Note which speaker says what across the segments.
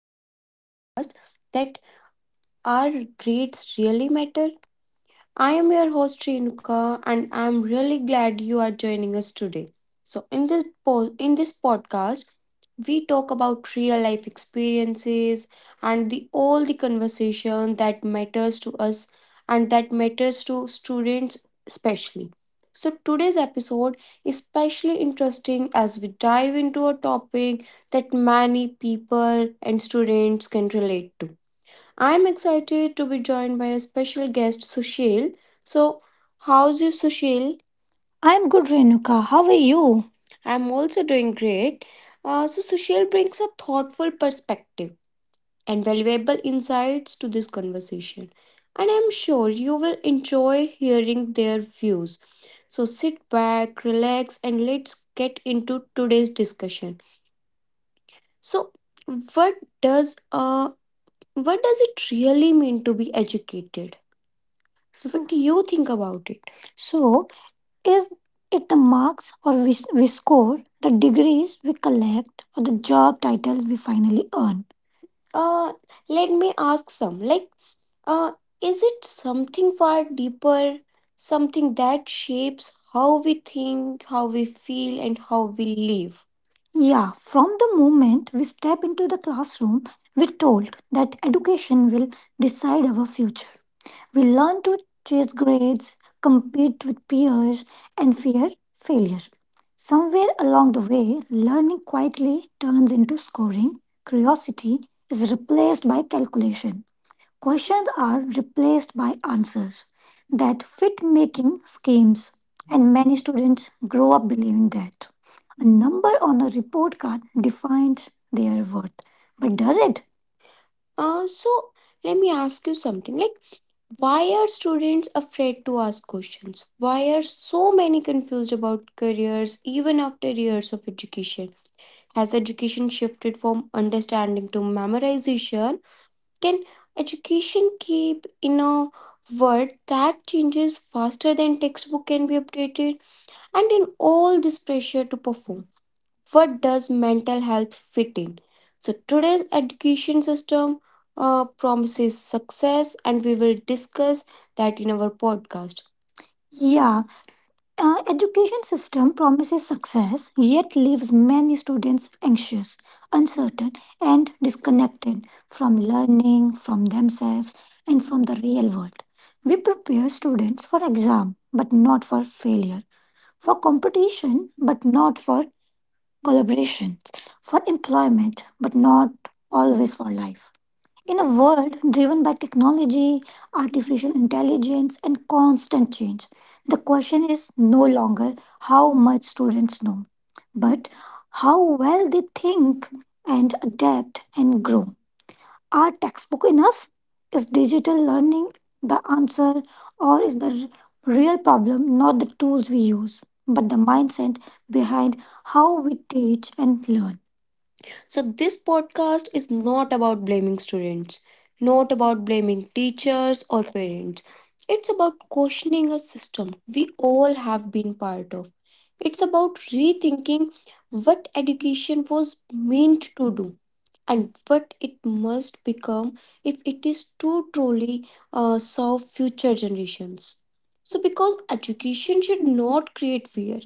Speaker 1: new podcast that Our Grades Really Matter. I am your host Renuka and I am really glad you are joining us today. So in this po- in this podcast we talk about real life experiences and the all the conversation that matters to us and that matters to students especially. So today's episode is especially interesting as we dive into a topic that many people and students can relate to I'm excited to be joined by a special guest, Sushil. So, how's you, Sushil? I'm good, Renuka. How are you? I'm also doing great. Uh, so, Sushil brings a thoughtful perspective and valuable insights to this conversation. And I'm sure you will enjoy hearing their views. So, sit back, relax, and let's get into today's discussion. So, what does uh, what does it really mean to be educated? So what do you think about it? So is it the marks or we, we score, the degrees we collect, or the job title we finally earn? Uh, let me ask some. Like, uh, is it something far deeper, something that shapes how we think, how we feel, and how we live? Yeah, from the moment we step into the classroom, we're told that education will decide our future. We learn to chase grades, compete with peers, and fear failure. Somewhere along the way, learning quietly turns into scoring. Curiosity is replaced by calculation. Questions are replaced by answers that fit making schemes, and many students grow up believing that number on a report card defines their worth. But does it? Uh, so let me ask you something like why are students afraid to ask questions? Why are so many confused about careers even after years of education? Has education shifted from understanding to memorization? Can education keep in a world that changes faster than textbook can be updated? And in all this pressure to perform, what does mental health fit in so today's education system uh, promises success and we will discuss that in our podcast Yeah, uh, education system promises success yet leaves many students anxious, uncertain and disconnected from learning, from themselves and from the real world. We prepare students for exam but not for failure, for competition but not for collaborations for employment, but not always for life. In a world driven by technology, artificial intelligence, and constant change, the question is no longer how much students know, but how well they think and adapt and grow. Are textbook enough? Is digital learning the answer, or is the r- real problem not the tools we use, but the mindset behind how we teach and learn? So, this podcast is not about blaming students, not about blaming teachers or parents. It's about questioning a system we all have been part of. It's about rethinking what education was meant and what it must become if it is to truly uh, serve future generations. So, because education should not create fear,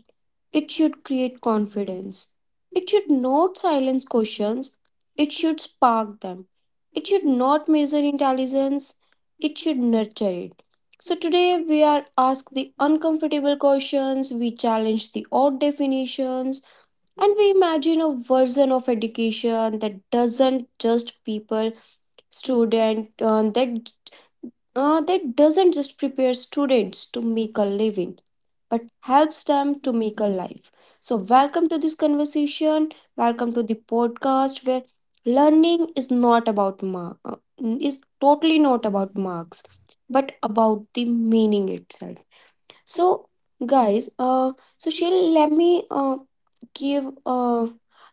Speaker 1: it should create confidence. It should not silence questions, it should spark them. It should not measure intelligence, it should nurture it. So, today we are asked the uncomfortable questions, we challenge the odd definitions, and we imagine a version of education that doesn't just people student uh, that uh, that doesn't just prepare students to make a living but helps them to make a life. So welcome to this conversation. Welcome to the podcast where learning is not about mark uh, is totally not about marks but about the meaning itself. So guys, uh, so Sheila, let me uh, uh,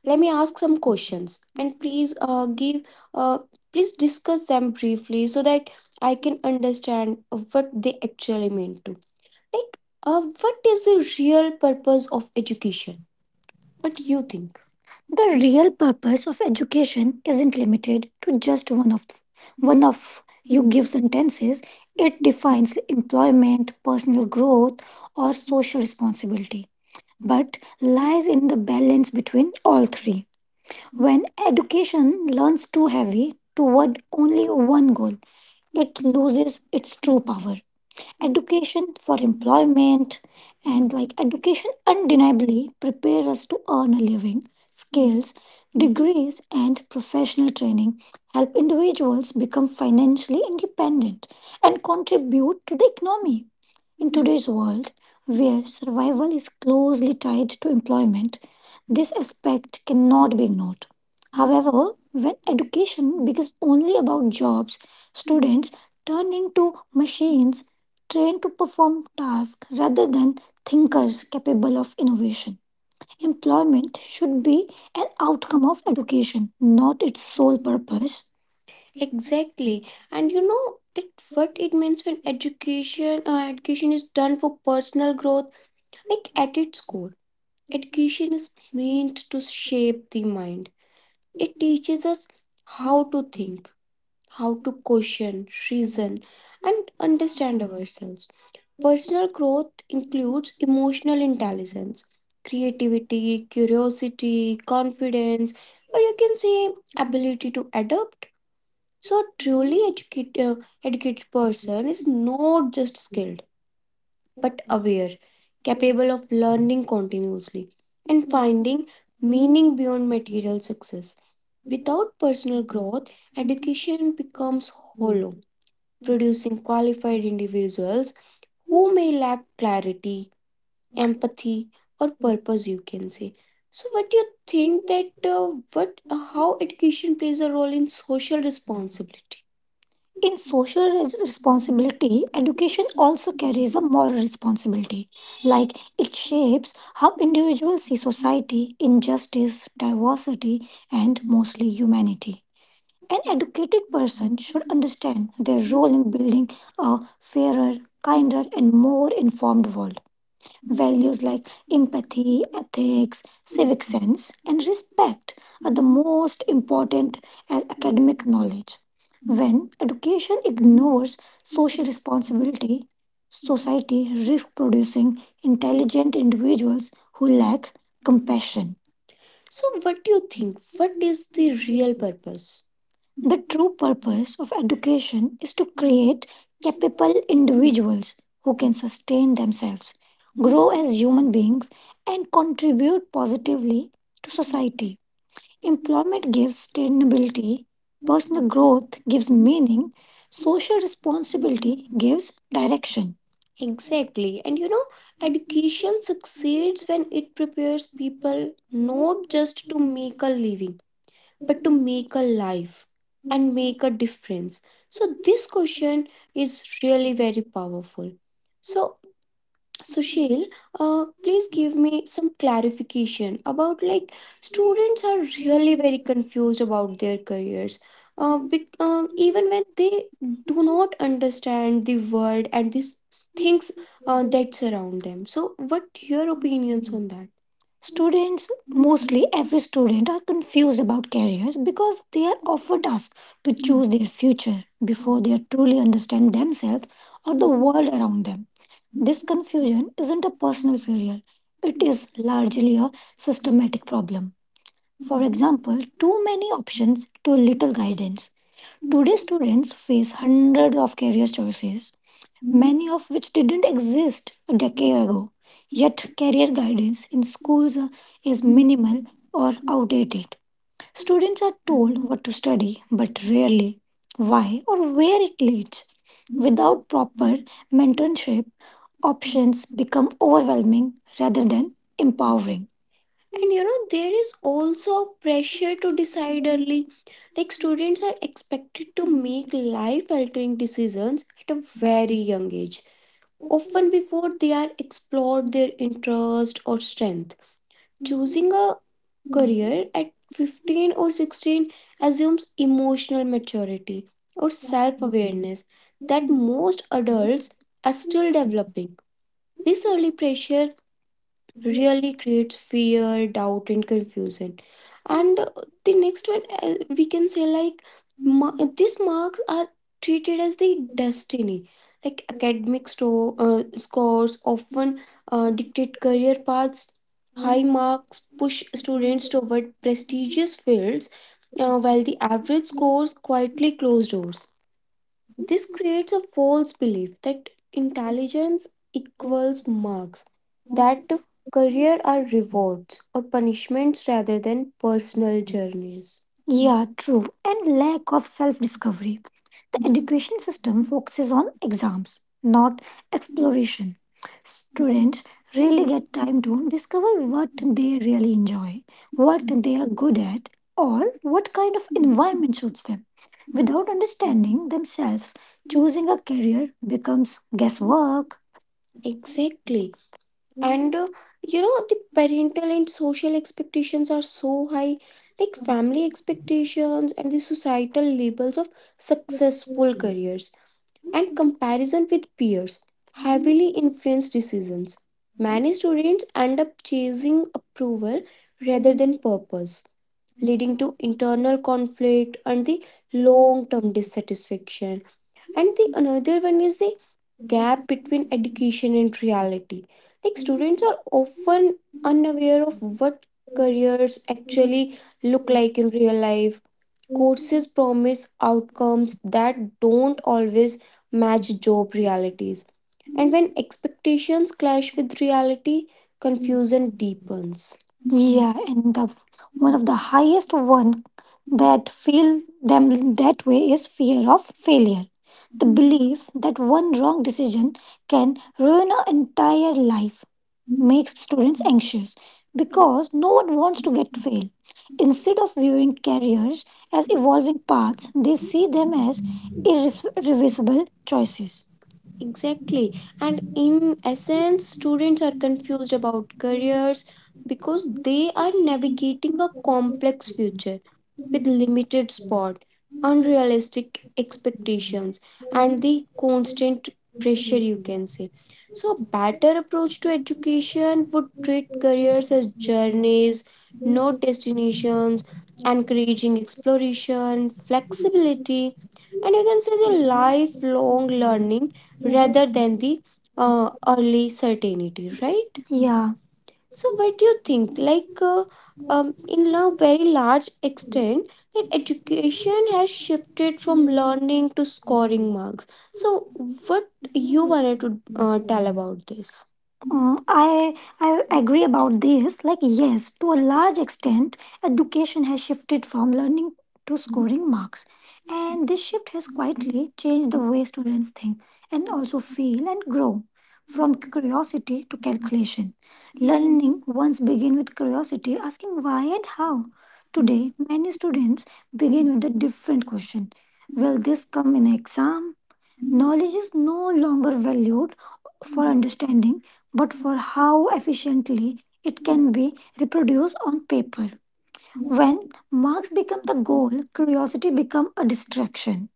Speaker 1: let me ask some questions. Please uh, give uh, please discuss them briefly so that I can understand what they actually mean to. Like, uh, what is the real purpose of education? What do you think? The real purpose of education isn't limited to just one of one of your sentences. It defines employment, personal growth, or social responsibility, but lies in the balance between all three. When education learns too heavy toward only one goal, it loses its true power. Education for employment, and like education undeniably prepare us to earn a living. Skills, degrees, and professional training help individuals become financially independent and contribute to the economy. In today's world, where survival is closely tied to employment, this aspect cannot be ignored. However, when education becomes only about jobs, students turn into machines trained to perform tasks rather than thinkers capable of innovation. Employment should be an outcome of education, not its sole purpose. Exactly, and you know that what it means when education uh, education is done for personal growth. Like at its core, education is meant to shape the mind. It teaches us how to think, how to question, reason, and understand ourselves. Personal growth includes emotional intelligence, creativity, curiosity, confidence, or you can say ability to adapt. So, a truly educate, uh, educated person is not just skilled, but aware, capable of learning continuously, and finding meaning beyond material success. Without personal growth, education becomes producing qualified individuals who may lack clarity empathy or purpose you can say so what do you think that uh, what how education plays a role in social responsibility In social res- responsibility, education also carries a moral responsibility. Like it shapes how individuals see society, injustice, diversity, and mostly humanity. An educated person should understand their role in building a fairer, kinder, and more informed world. Values like empathy, ethics, and respect are the most important as academic knowledge. When education ignores social responsibility, society risks producing intelligent individuals who lack compassion. So, what do you think? What is the real purpose? The true purpose of education is to create capable individuals who can sustain themselves, grow as human beings, and contribute positively to society. Employment gives sustainability, personal growth gives meaning, social responsibility gives direction. Exactly. And you know, education succeeds when it prepares people not just to make a living, but to make a life and make a difference? So this question is really very powerful. So Sushil, uh, please give me some clarification about like students are really very confused about their careers. Uh, be, um, even when they do not understand the world and this uh, that surround them. So, what your opinions on that? Students, mostly every student, are confused about careers because they are often asked to choose their future before they truly understand themselves or the world around them. This confusion isn't a personal failure, it is largely a systematic problem. For example, too many options, too little guidance. Today, students face hundreds of career choices of which didn't exist a decade ago. Yet, career guidance in schools uh, is minimal or outdated. Students are told what to study, but rarely why or where it leads. Without proper mentorship, options become overwhelming rather than empowering. And you know, there is also pressure to decide early. Like, students are expected to make life altering decisions at a very young age often before they are explored their interest or strength. Choosing a career at 15 or 16 assumes emotional maturity or self awareness that most adults are still developing. This early pressure really creates fear, doubt, and confusion. And uh, the next one, uh, we can say like ma- these marks are treated as the destiny. Like academic sto- uh, scores often uh, dictate career paths. High marks push students toward prestigious fields, uh, while the average scores quietly close doors. This creates a false belief that intelligence equals marks, that career are rewards or punishments rather than personal journeys. Yeah, true. And lack of self discovery system focuses on exams, not exploration. Students rarely get time to discover what they really enjoy, what they are good at, or what kind of environment suits them. Without understanding themselves, choosing a career becomes guesswork. Exactly. And uh, you know, the parental and social expectations are so high, like family expectations and the societal labels of successful careers and comparison with peers heavily influence decisions. Many students end up chasing approval rather than purpose, leading to internal conflict and the long term dissatisfaction. And the another one is the gap between education and reality. Like students are often unaware of what careers actually look like in real life Courses promise outcomes that don't always match job realities. And when expectations clash with reality, confusion deepens. Yeah, and the one of the highest one that feel them that way is fear of failure. The belief that one wrong decision can ruin an entire life makes students anxious because no one wants to get Instead of viewing careers as evolving paths, they see them as irreversible choices. Exact. And in essence, students are confused about careers because they are navigating a complex future,
Speaker 2: Thank
Speaker 1: limited spot, unrealistic expectation, and the constant pressure you can say. So a better approach to education would careers as journeys, not destinations, encouraging exploration, flexibility, and you can say the lifelong learning rather than the uh, early certainty, right? Yeah, so, what do you think? Like, uh, um, in a very large extent, that education has shifted from learning to scoring marks. So, what you wanted to uh, tell about this? Mm, I I agree about this. Like yes, to a large extent, education has shifted from learning to scoring marks, and this shift has quietly changed the way students think and also feel and grow from curiosity to calculation. Learning once begin with curiosity, asking why and how. Today, many students begin with a different question. Will this come in exam? Knowledge is no longer valued for understanding, but for how efficiently it can be reproduced on paper. When marks become the goal, curiosity become a distraction.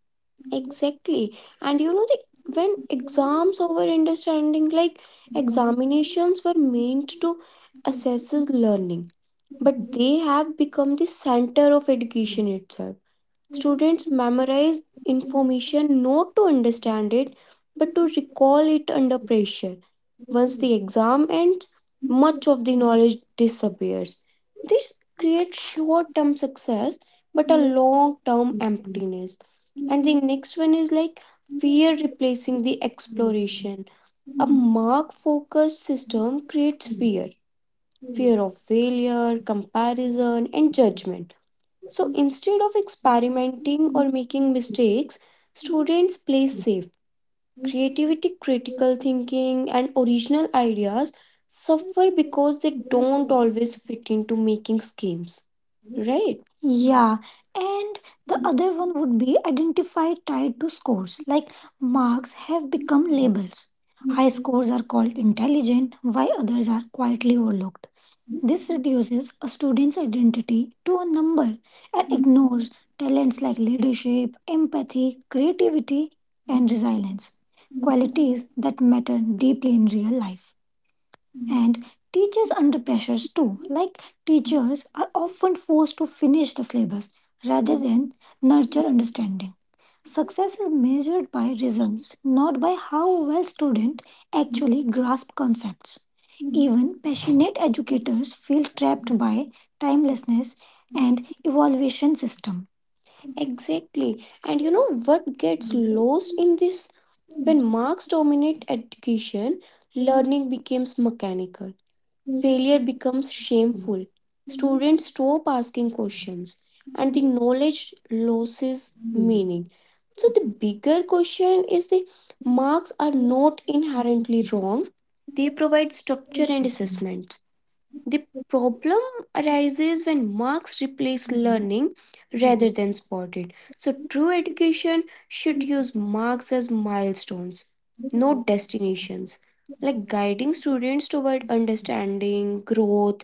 Speaker 1: Exactly. And you know, the, when exams over understanding, like examinations were meant to assess his learning, but they have become the center of education itself. Students memorize information not to understand it, but to recall it under pressure. Once the exam ends, much of the knowledge disappears. This creates short term success, but a long term emptiness Next one is like fear replacing the exploration. A mark focused system creates fear fear of failure, comparison, and judgment. So instead of experimenting or making mistakes, students play safe. Creativity, critical thinking, and original ideas suffer because they don't always fit into making schemes right? Yeah, and the other one would be identify tied to scores. Like marks have become labels. High scores are called intelligent, while others are quietly overlooked. This reduces a student's identity to a number and ignores talents like leadership, empathy, creativity, and resilience, qualities that matter deeply in real life. And teachers under pressures too. Like teachers are often forced to finish the syllabus rather than nurture understanding. Success is measured by results, not by how well students actually grasp concepts. Even passionate educators feel trapped by timelessness and evaluation system. Exactly. And you know what gets lost in this? When marks dominate education, learning becomes mechanical failure becomes shameful. Students stop asking questions and the knowledge losses so the bigger question is the marks are not inherently wrong. They provide structure and the problem arises when marks replace learning rather than spotted. So, true education should use marks as milestones, not destinations, like guiding students toward understanding, growth,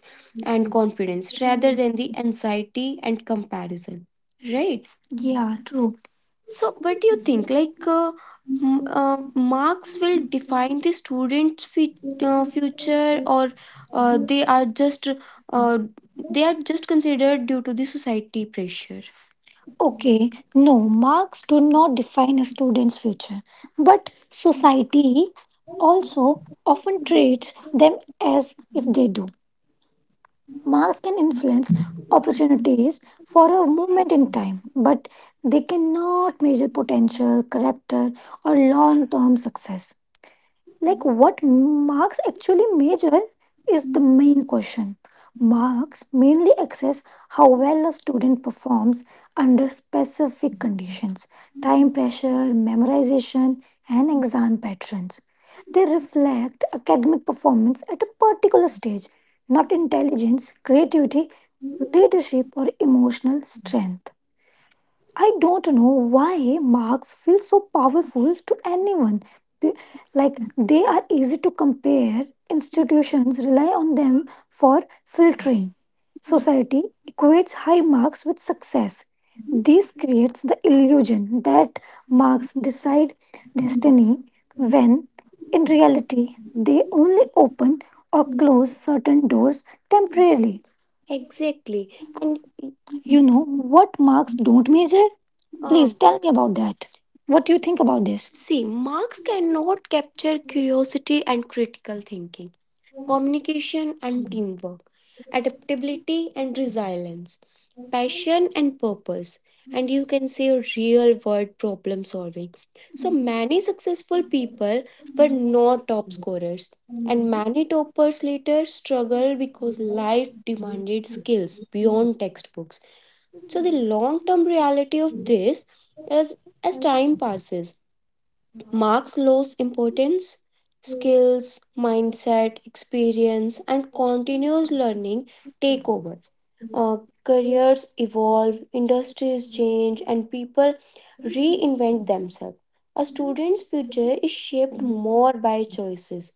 Speaker 2: you.
Speaker 1: and confidence rather than
Speaker 2: Thank
Speaker 1: the anxiety and comparison. Right? Yeah, true. So, what do you think? Like, uh, uh, marks will define the student's fut- uh, future, or uh, they are just uh, they are just considered due to the society pressure. Okay, no, marks do not define a student's future, but society also often treats them as if they do. Marks can influence opportunities for a moment in time, but they cannot measure potential, character, or long term success. Like what marks actually measure is the main question. Marks mainly assess how well a student performs under specific conditions, time pressure, memorization, and exam patterns. They reflect academic performance at a particular stage, not intelligence, creativity, leadership, or emotional strength. I don't know why marks feel so powerful to anyone. Be- Like they are easy to compare. Institutions rely on them for filtering. Society equates high marks with success. This creates the illusion that marks decide destiny when in reality they only open or close certain doors temporarily. Exactly. And you know what marks don't measure? Please Um, tell me about that. What do you think about this? see, marks cannot capture curiosity and critical thinking, communication and teamwork, adaptability and resilience, passion and purpose, and you can say real world problem solving. So many successful people were not top scorers. Many toppers later struggled because life demanded skills beyond textbooks. So the long-term reality of this is as time passes, marks lose importance, skills, mindset, experience, and continuous learning take over. Uh, careers evolve, industries change, and people reinvent themselves. A student's future is shaped more by choices,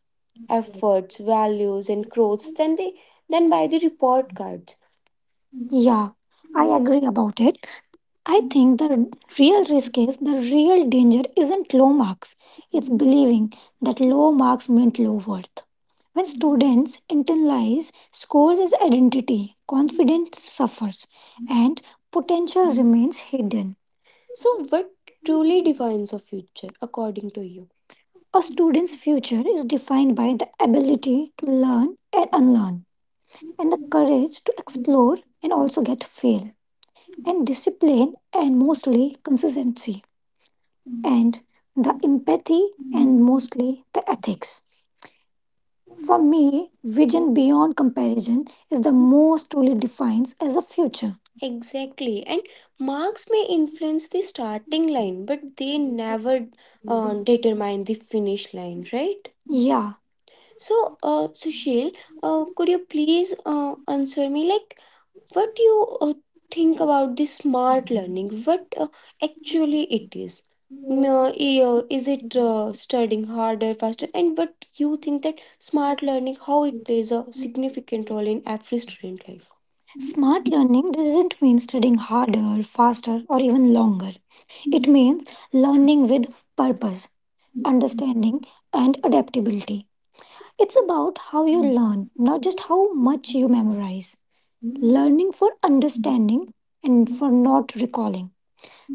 Speaker 1: efforts, values, and growth than, they, than by the report cards. Yeah, I agree about it. I think the r- real risk is the real danger isn't low marks, it's believing that low marks meant low worth. When students internalize scores as identity, confidence suffers and potential remains hidden. So, what truly defines a future according to you? A student's future is defined by the ability to learn and unlearn, and the courage to explore and also get fail and discipline and mostly consistency and the empathy and mostly the ethics. For me, vision beyond comparison is the most truly defines as a future. Exactly. And marks may influence the starting line, but they never uh, determine the finish line, right? Yeah, so, uh, Sushil, uh, could you please uh, answer me like what do you uh, think about this smart learning? What uh, actually it is? No, i- uh, is it uh, studying harder, faster? And what you think that smart learning, how it plays a significant role in every student life? Smart learning doesn't mean studying harder, faster, or even longer. It means learning with purpose, understanding, and adaptability. It's about how you learn, not just how much you memorize. Learning for understanding and for not recalling.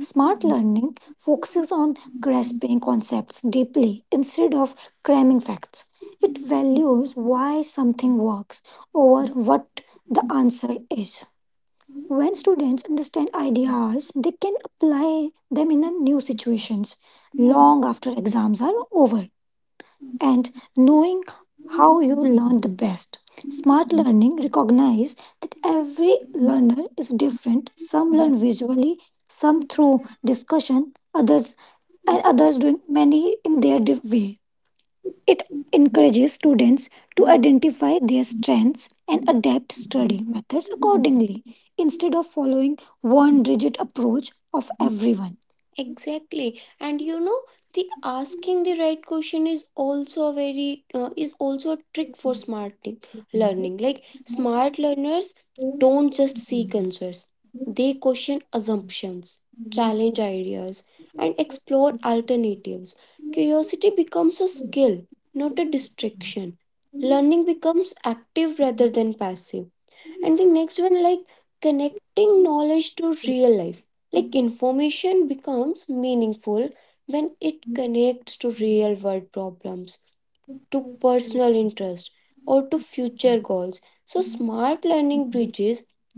Speaker 1: Smart learning focuses on grasping concepts deeply instead of cramming facts. Values why something works over what the answer is. When students understand ideas, they can apply them in a new situations long after exams are over. And knowing how you learn Smart learning recognizes that every learner is different. Some learn visually, some through discussion, others and others doing many in their diff- way. It encourages students to identify their strengths and adapt study methods accordingly instead of following one rigid approach of every. Exactly, and you know the asking the right question is also a very uh, is also a trick for learning. Smart learners don't just seekers. they question assumptions, challenge ideas, and explore alternatives. Curiosity becomes a skill, not a distraction. Learning becomes active rather than passive. And the next one, like connecting knowledge to real life. Like information becomes meaningful when it connects to real world problems, personal interest, or to future goals. So, smart learning bridges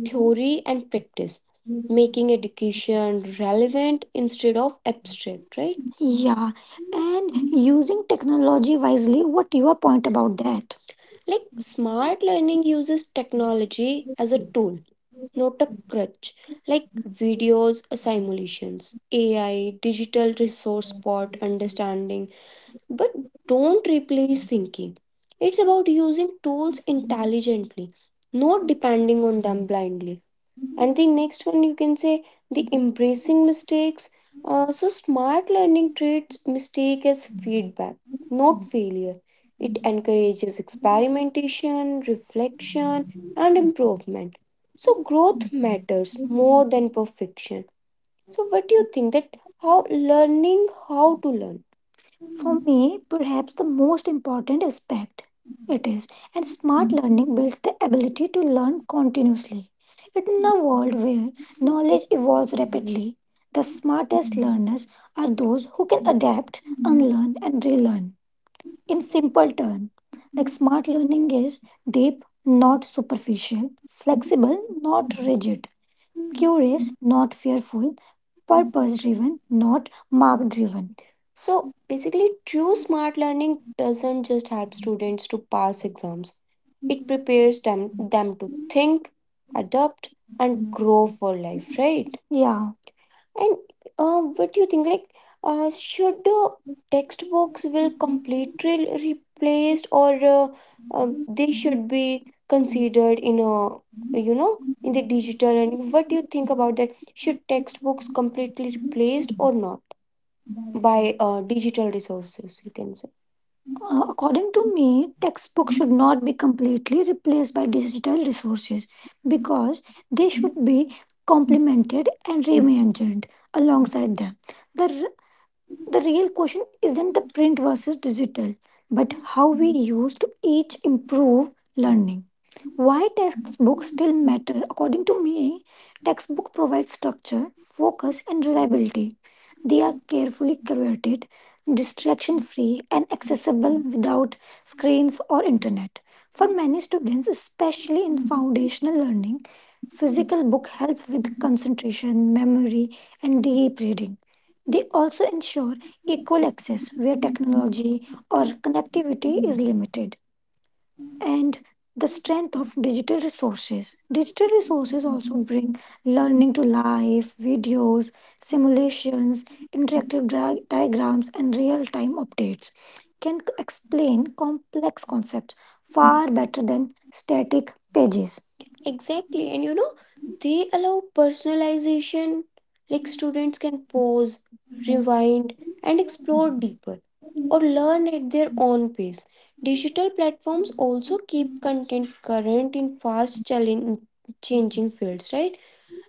Speaker 1: theory and practice, making education relevant instead of abstract, right? Yeah, and using technology wisely. What your point about that? Like smart learning uses technology as a not a crutch, like videos, simulations, AI, digital resource spot understanding, but don't replace thinking. It's about using tools intelligently, not depending on them blindly and the next one you can say the embracing mistakes uh, so smart learning treats mistake as feedback not failure it encourages experimentation reflection and improvement so growth matters more than perfection so what do you think that how learning how to learn for me, perhaps the most important aspect it is, and smart learning builds the ability to learn continuously. In a world where knowledge evolves rapidly, the smartest are those who can adapt, unlearn, and relearn. In simple terms, like smart learning is deep, not superficial, flexible, not rigid Curious, not fearful. Purpose driven, not mark driven. So basically, true smart learning doesn't just help students to pass exams, it prepares them, them to think, adapt, and grow for life, right? Yeah. And uh, what do you think? Like, uh, should uh, textbooks will completely replaced, or uh, uh, they should be considered in a you know digital learning. What do you think about that? Should textbooks completely replaced or not by uh, digital resources? You can say. Uh, according to me, textbooks should not be completely replaced by digital resources because they should be complemented and reimagined alongside The, r- the real question isn't the print versus digital, but how we use to each improve learning. Why textbooks still matter? According to me, textbook provides structure, focus, and reliability. They are carefully curated, distraction free, and accessible without screens or internet. For many students, especially in foundational learning, physical book help with concentration, memory, and deep reading. They also ensure equal access where tech or connectivity is and the strength of digital resources. Digital resources learning to live, videos, simulations, interactive dra- diagrams, and real time updates can c- explain complex concepts far better than static pages. Exactly. And you know, they allow personalization, like students can pause, rewind, and explore deep or learn at their own pace. Digital platforms also keep content current in fast challenge changing fields, right?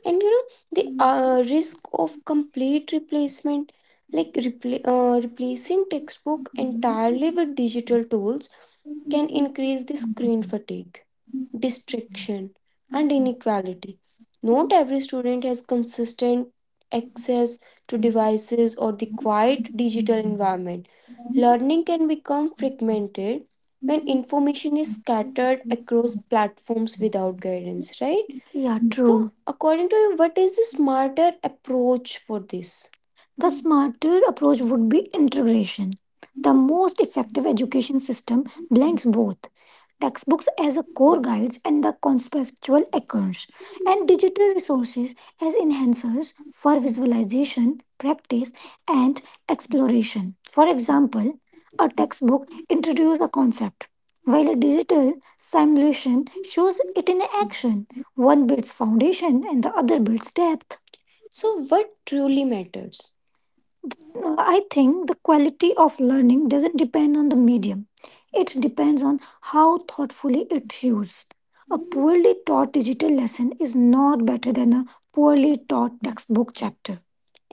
Speaker 1: and you know the uh, risk of complete replacement like repla uh, replacing textbook only with digital tools can increase the screen addiction and inequality. Not every student has consistent access to devices or the quiet digital learning can become fragmented when information is scattered platforms without guidance, right? Yeah, So, true. according to you, what is the smarter approach for this? The smarter approach would be integration. The most effective education system blends both textbooks as a core guides and the conceptual anchors, and digital resources as enhancers for visualization, practice, and exploration. For example, a textbook introduces a concept, while a digital simulation shows it in action. One builds foundation and the other builds depth. So, what truly matters? No, I think the quality of learning doesn't depend on the medium. It depends on how thoughtfully it's used. A poorly taught digital lesson is not better than a poorly taught textbook chapter.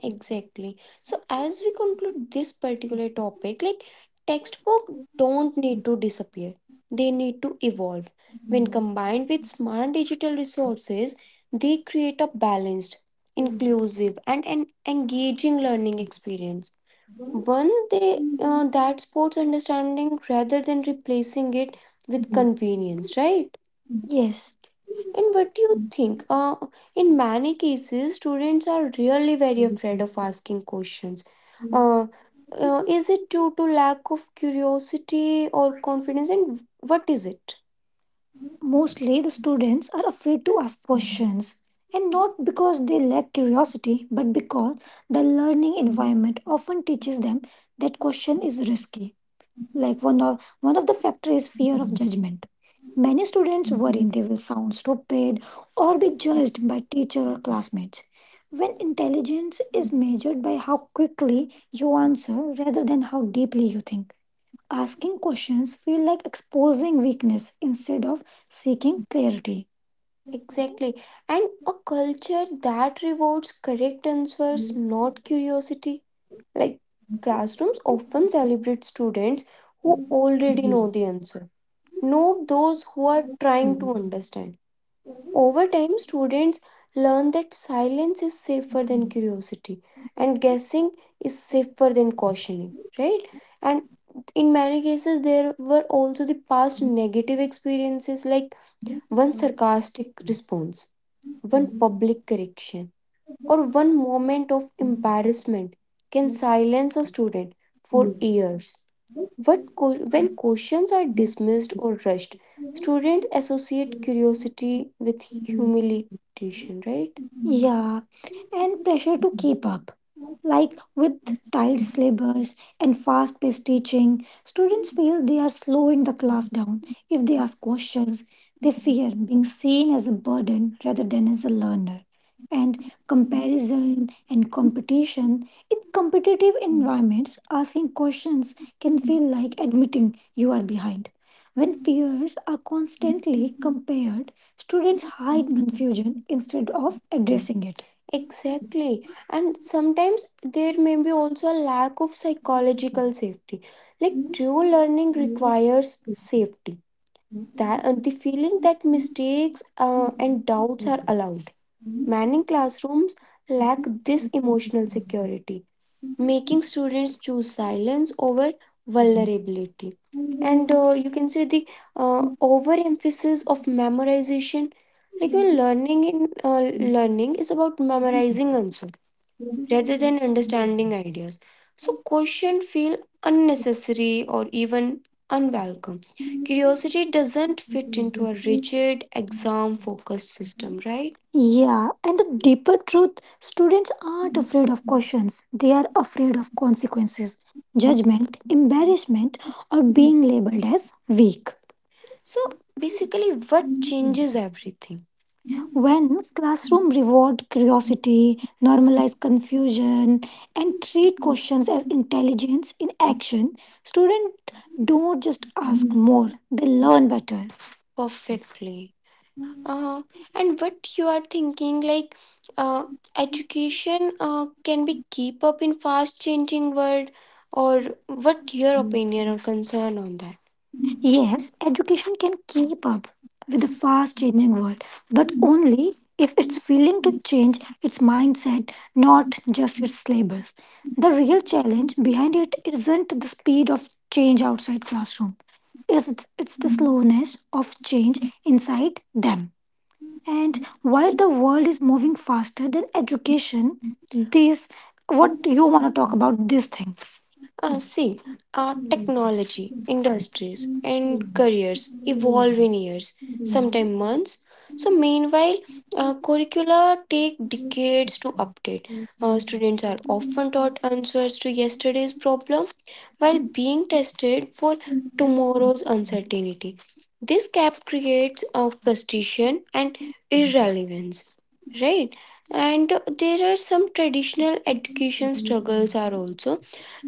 Speaker 1: Exactly. So as we conclude this particular topic, like textbook don't need to disappear. They need to evolve. When combined with smart digital resources, they create a balanced, inclusive and an engaging learning experience. One, they sports understanding rather than replacing it with convenience, right? Yes. And what do you think? Uh, in many cases, students are really very afraid of questions. Uh, uh, is it due to lack of curiosity or confidence? And what is it? Mostly, the students are afraid to ask questions, and not because they lack curiosity, but because the learning environment often teaches them that question is risky like one of one of the factor is fear of judgment many students worry sound stupid or be judged by teacher or classmates when intelligence is measured by how quickly you answer rather than how deeply you think asking questions feel like exposing weakness instead of seeking clarity Exactly. And a culture that rewards correct answers, not curiosity. Like classrooms often celebrate students who already know Note those who are trying to understand. Over time, students learn that silence is safer than curiosity and guessing is safer than cautioning, right? And in many cases, there were also the past negative experiences like one sarcastic response, one public correction, or one moment of embarrassment can silence a student for years co- when questions are dismissed or rushed, students associate curiosity with humiliation, right? Yeah, and pressure to keep up. Like with tight syllabus and fast paced teaching, students feel they are slowing the class down. If they ask questions, they fear being seen as a burden rather than as a learner. And comparison and competition in competitive environments, asking questions can feel like admitting you are behind. When peers are constantly paired, students hide instead of addressing it. Exactly. And sometimes there may be also a lack of psychological safety. Like true learning requires safety. Uh, The feeling that mistakes uh, and doubts are many classrooms lack this emotion, making students choose silence over vulnerability. You can say the uh, overemphasis of memorization. Like when learning in uh, learning is about memorizing than understanding ideas. So questions feel unnecessary or even unwelcome. Curiosity doesn't fit into a rigid exam focused system, right? Yeah, and the deeper truth students aren't afraid of questions, they are afraid of consequences, judgment, embarrassment, or being labeled as weak. So basically what when classroom reward curiosity, normalize confusion, and treat questions as intelligence in action, students don't just ask, they learn better. Perfectly. Uh, and what you are thinking, like uh, education uh, can be keep up in fast changing world, or what your opinions are on that? Education can keep up with the fast changing world, but only if it's willing to change its mindset, not just its syllabus. The real challenge behind it isn't the speed of change outside classroom. It's, it's the slowness of change inside them. And while the world is moving faster than education, this what you want to talk about this thing. Uh, see, art
Speaker 2: you.
Speaker 1: industries
Speaker 2: Thank
Speaker 1: evolving. sometimes months. So, meanwhile, uh, curricula take decades to update. Uh, students are often taught answers to yesterday's problem while being tested for tomorrow's uncertainty. This gap creates uh, frustration and irrelevance, right? And there are some traditional education struggles are also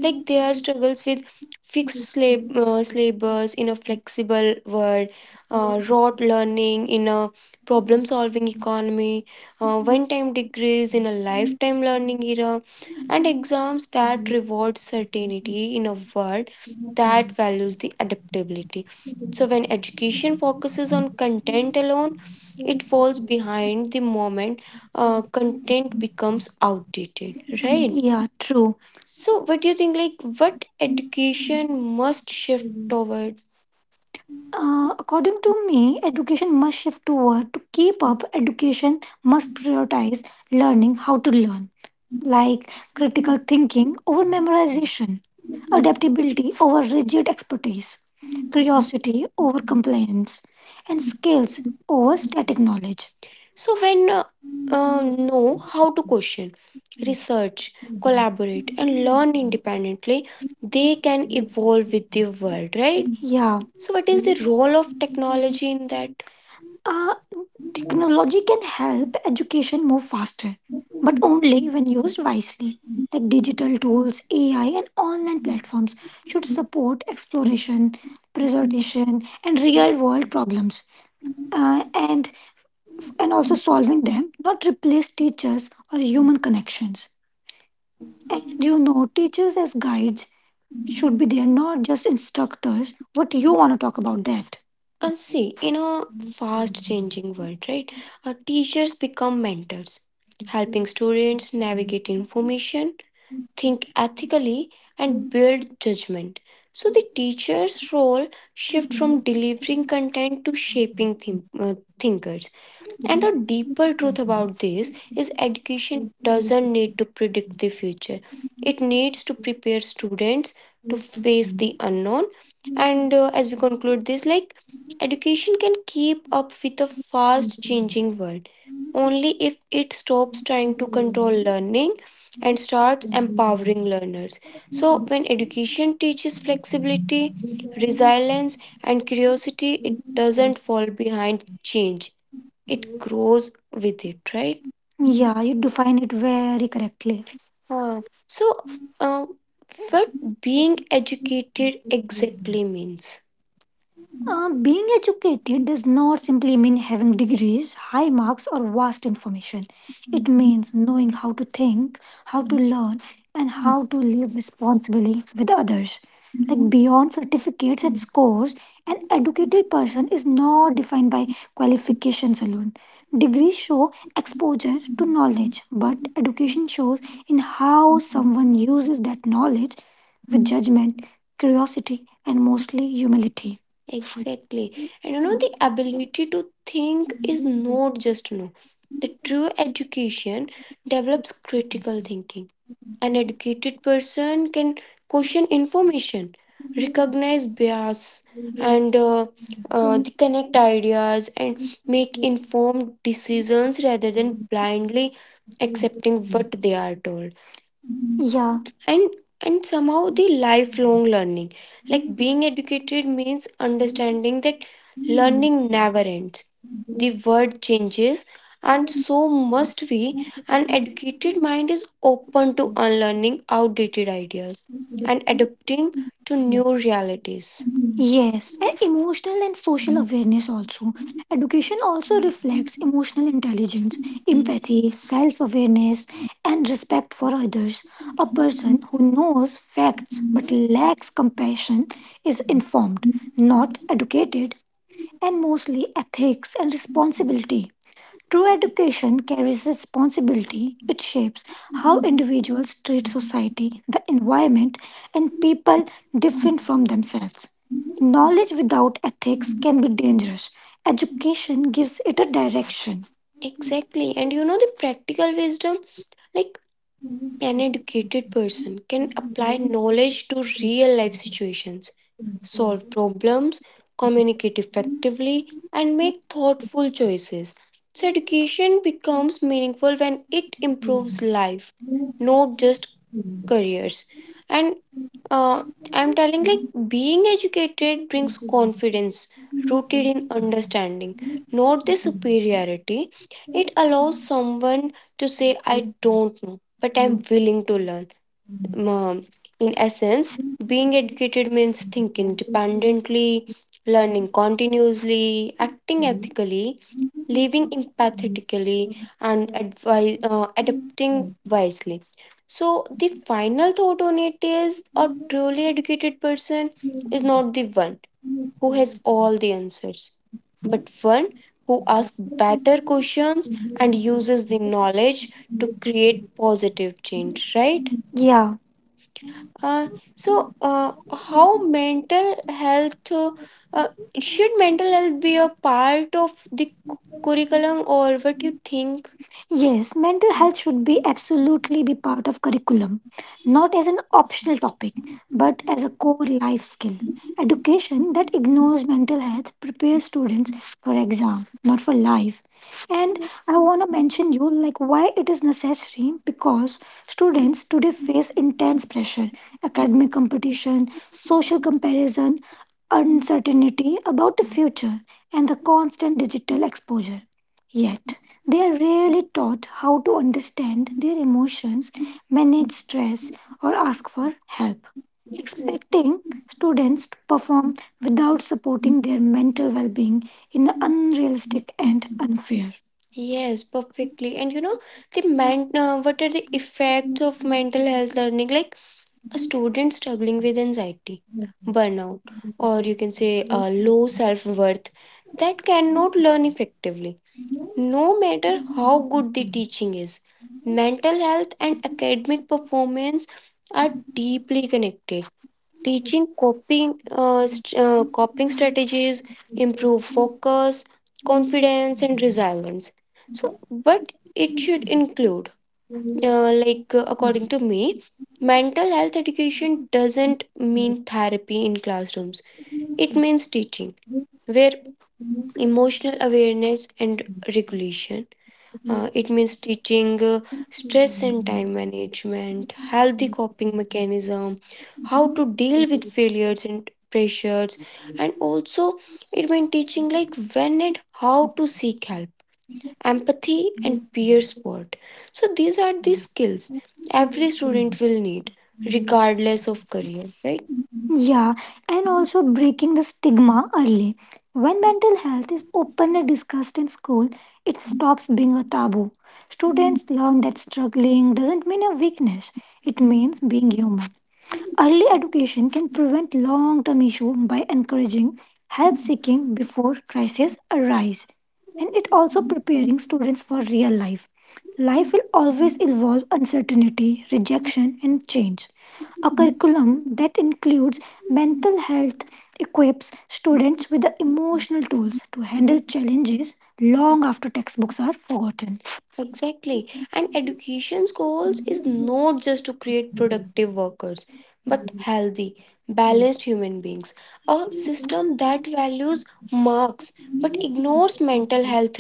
Speaker 1: like there are struggles with fixed slab- uh, syllabus in a flexible world, uh, rote learning in a problem solving economy, uh, one time degrees in a lifetime learning era, and that rewards certainty in a world that values the adaptability. So, when education focuses on content alone, it falls behind the moment uh, content becomes outdated, right? Yeah, true. So, what do you think? Like, what education must shift toward? Uh, according to me, education must shift toward to keep up. Education must prioritize learning how to learn like critical thinking over memorization, adaptability over rigid expertise, curiosity over compliance, and skills over static knowledge. So, when uh, uh, know how to question, research, collaborate, and learn independently, they can evolve with the world, right? Yeah. So, what is the role of technology in that? Uh, technology can help education move faster, but only when used wisely. Like digital tools, AI, and online platforms should support exploration, preservation, and real-world problems, uh, and and also solving them, not replace teachers or human connections. And you know, teachers as guides should be there, not just instructors. What do you want to talk about that? Uh, see, in a fast changing world, right, uh, teachers become mentors, helping students navigate information, think ethically, and build judgment. So, the teacher's role shifts from delivering content to shaping think- uh, thinkers. And a deeper truth about this is education doesn't need to predict the future. It needs to prepare students to face the unknown. And uh, as we conclude this, like education can keep up with a fast changing world only if it stops trying to control learning and starts empowering. So, when education teaches flexibility, resilience, and curiosity, it doesn't fall behind change. grows with it, right? Yeah, you define it very correctly. Uh, so, uh, what being educated really means? Uh, being educated does not simply mean having degrees, high marks, or vast information. It means knowing how to think, how to learn, and how to live responsibly with others. Like beyond certificates at school. An educated person is not defined by qualifications alone. Degrees show exposure to knowledge. Education shows in how someone uses that knowledge with judgment, curiosity, and mostly humility. Exactly. And you know, the ability to think is no. just know. The true education develops critical thinking. An educated person can question information, recognize bias, and uh, uh, connect ideas and make informed decisions rather than blindly accept what they are told and and somehow the lifelong learning like being educated means understanding learning never ends the world changes and so must we an educated mind is open to unlearning outdated ideas to new
Speaker 2: you.
Speaker 1: realities And emotional and social awareness also. Education also reflects emotional intelligence, empathy, self awareness, and respect for others. A person who knows facts but lacks compassion is informed, not educated, and mostly ethics and responsibility. True education carries responsibility. It shapes how individuals treat society, the environment, and people different from themselves. Knowledge without ethics can be dangerous. Education gives it a direction. Exactly. And you know the practical wisdom? Like an educated person can apply knowledge to real life situations, solve
Speaker 2: Thank
Speaker 1: problems, communicate effectively, and make thoughtful choices. So, education becomes meaningful when it improves, not just. And uh, I'm telling, like, being educated brings confidence, rooted understanding, not the superiority. It allows someone to say, I don't, but I'm willing to learn. Ma- In essence, being educated means thinking independently, learning continuously, acting ethically, empathetically. and advise, uh, adapt wisely. So, the final thought on it is a truly educated person is the one who has all the answers, but one who asks better questions and using knowledge positive change, right? Yeah. Uh, so, uh, how mental health uh, uh, should mental health be a part of the cu- curriculum, or what you think? Yes, mental health should be absolutely be part of curriculum, not as an optional topic, but as a core life skill. Education that ignores mental health prepares students for exam, not for life. And I want to mention you like why it is necessary because students today face intense pressure academic competition, social comparison, uncertainty about the future, and the constant digital exposure. Yet, they are rarely taught how to understand their emotions, manage stress, or ask for help. Expecting students to perform without supporting their mental well being in an unrealistic and Yes, perfectly. And you know, the man, uh, what are the effect mental health learning? Like a student struggling with anxiety, burnout, or you can say uh, low self worth that cannot learn effectively. No matter how good the teaching is, mental health and academic performance are deeply connected. Teaching coping, uh, st- uh, coping strategies improve focus, confidence, and resilience. So, what it should include, uh, like uh, according to me, mental health education doesn't mean therapy in classrooms it means teaching where emotional awareness and regulation uh, it means teaching uh, stress and time management healthy coping mechanism how to deal with failures and pressures and also it meant teaching like when and how to seek help empathy, and peer support. So, these are the skills every student will need, regardless of career, right? Yeah, and also breaking the stigma early. When mental health is openly discussed in school, it stops being a taboo. Students learn that struggling doesn't mean a weakness, it means being human. Early education can prevent long term issues by encouraging help seeking before crises arise and it also preparing students for real life. Life will always involve uncertainty, rejection, and change. A curriculum that includes mental health equips students with the emotional tools to handle challenges long after textbooks are forgotten. Exactly. And education's goals is not just to create productive. workers, but healthy, balanced human beings. A system that values marks but ignores mental health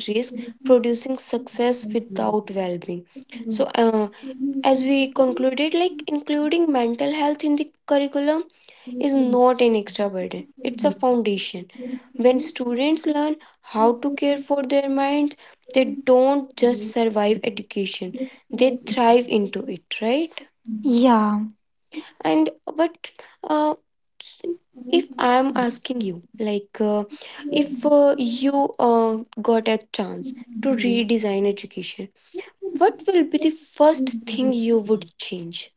Speaker 1: produces success. So, uh, as we concluded, like including mental health in the curriculum is not an extra burden, it's a foundation. When students learn how to care for their minds, they don't just survive education, they thrive into it, right? Yeah. And but uh, I'm asking. Like, uh, if uh, you uh, got a chance to redesign education, what first thing you
Speaker 2: you.
Speaker 1: would change?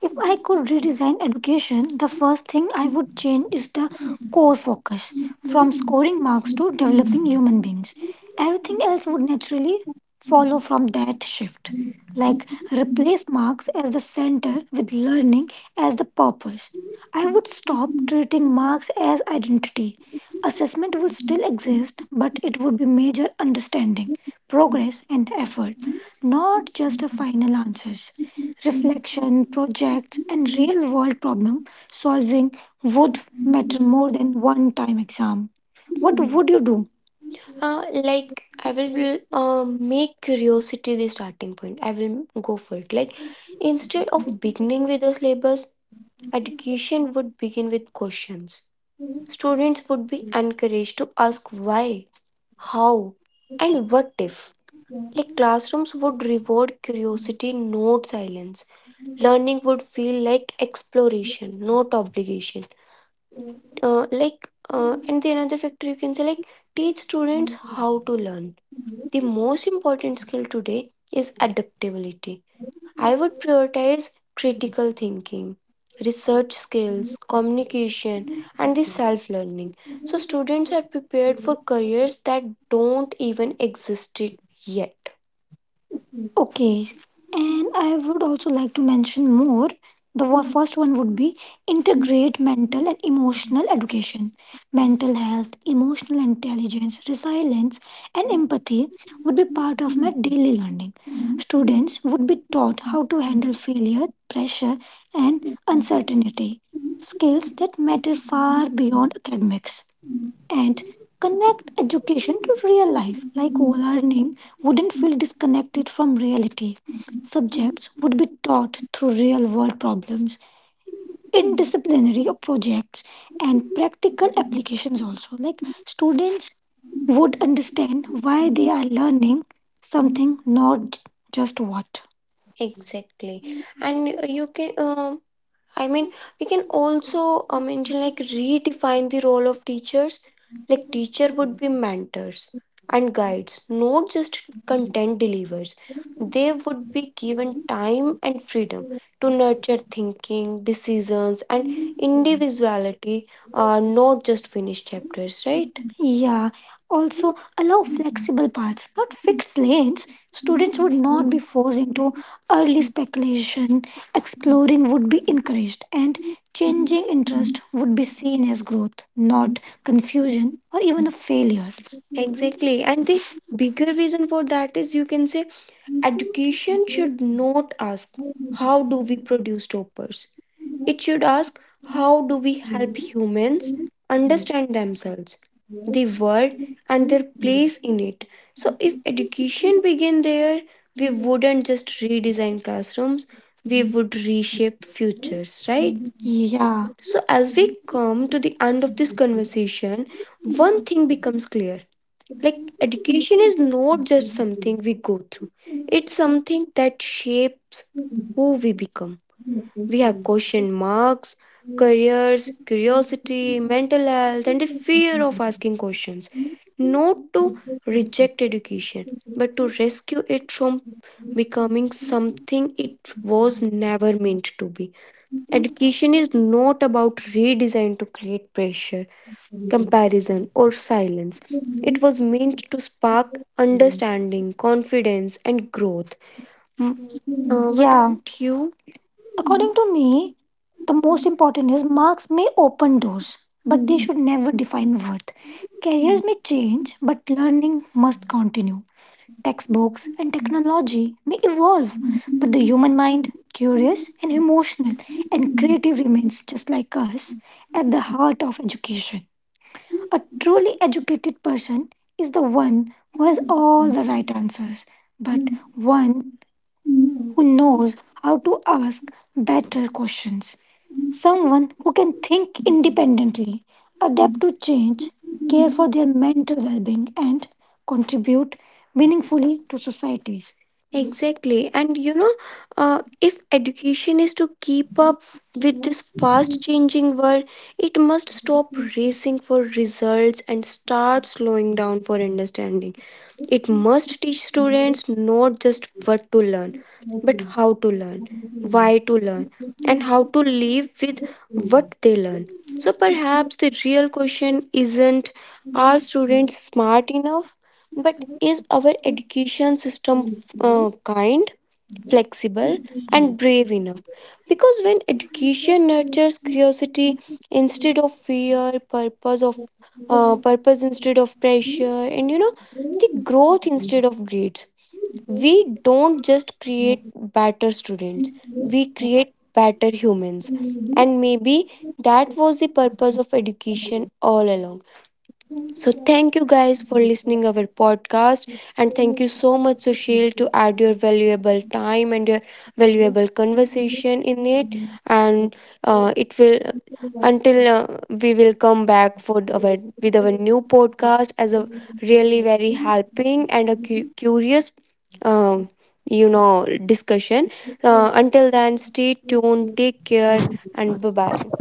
Speaker 1: If I could redesign education, the first thing I would change is the core focus from strengths to depth. Everything else would naturally follow from that shift. Replace marks as the center with learning as the purpose. I would stop marks as identity. Assessment would still exist. But it would be major understanding, progress, and effort, not just a final answers. Projects and real world problem solving would matter than one time exam. What would you do? Uh, like I will uh, make curiosity the starting point. I will go for it. Like instead of beginning with the syllabus, education would begin with questions students would be encouraged to ask why, how, and what if. Like classrooms would reward curiosity, not silence. Learning would feel like exploration, not obligation. Uh, like, uh, and the another factor you can say, like, teach students how to learn. The most important skill today is adaptability I would prioritize critical thinking, research skills, communication, and the self learning. So students are prepared for careers that don't even exist yet. Okay, and I would also like to mention more. The wa- first one would be integrate mental and emotional education. Mental health, emotional intelligence, resilience, and empathy would be part of my daily learning. Students taught how to handle failure, pressure, and uncertainty. Skills that matter far beyond academics. Connect education to real life. Like Ola, wouldn't feel disconnected from reality. Subject taught through real world problems, interdisciplinary projects, and practice. So, like students would understand why they are learning something, not j- just what. Exactly, and you can. um I mean, we can also uh, mention like redefine the role of teachers. Like teacher would be mentors and guides, not just content delivers. They would be given time and freedom to nurture thinking, decisions, and individuality, uh, not just finished chapters, right? Yeah, also allow flexible paths, not fixed lanes. Students would not be forced into early speculation Exploring would be encouraged and changing into seen as growth, not confusion or even a failure. Exactly. And the bigger reason for that is you can say education should not ask how do we reduce stoppers. It should ask how do we help humans understand themselves, the world and their so if education began there, we wouldn't just redesign classrooms, we would reshape futures, right? Yeah. So, as we come to the end of this conversation, one thing becomes clear like, education is not just, it's something that shapes who we become. We have question marks, careers, curiosity, mental health, and the fear of questions. Not to reject education, but to rescue it from becoming something it was never meant to be. Education is not about redesign to create pressure, comparison, or silence. It was spark understanding, confidence, and growth. M- Uh, what Yeah. about you? According to me, the most important is marks may open doors, but they should never define worth. Careers may change, but learning must continue. Textbooks and technology may evolve, curious, and emotional, and creative remains, just like us, at the heart of education. A truly educated person is the one who has all the right answers, but how to ask better questions. Someone who can think independently, adapt to change, care for mental well being, and contribute meaningfully to societies. Exactly. And you know, uh, if education is to keep up this fast changing world, it must stop racing for results and start slowing down for understanding. It must teach students not just what to learn, how to learn, why to and how to live with what they learn. So perhaps the real question isn't are students smart enough, but is our education system f- uh, kind, flexible, and brave enough? Because when education nurtures curiosity instead of fear, purpose of uh, purpose instead of pressure, and you know the growth instead of greed, we don't just create better students, better humans. Maybe that was the purpose of education all along. So thank you guys for listening our podcast and thank you so much Sushil to add your valuable time and your valuable conversation in it and uh, it will
Speaker 2: Thank
Speaker 1: until uh,
Speaker 2: you.
Speaker 1: we will come back for the- our with our new podcast as a really very helping and a cu- curious uh, you know discussion uh, until then stay tuned take care bye bye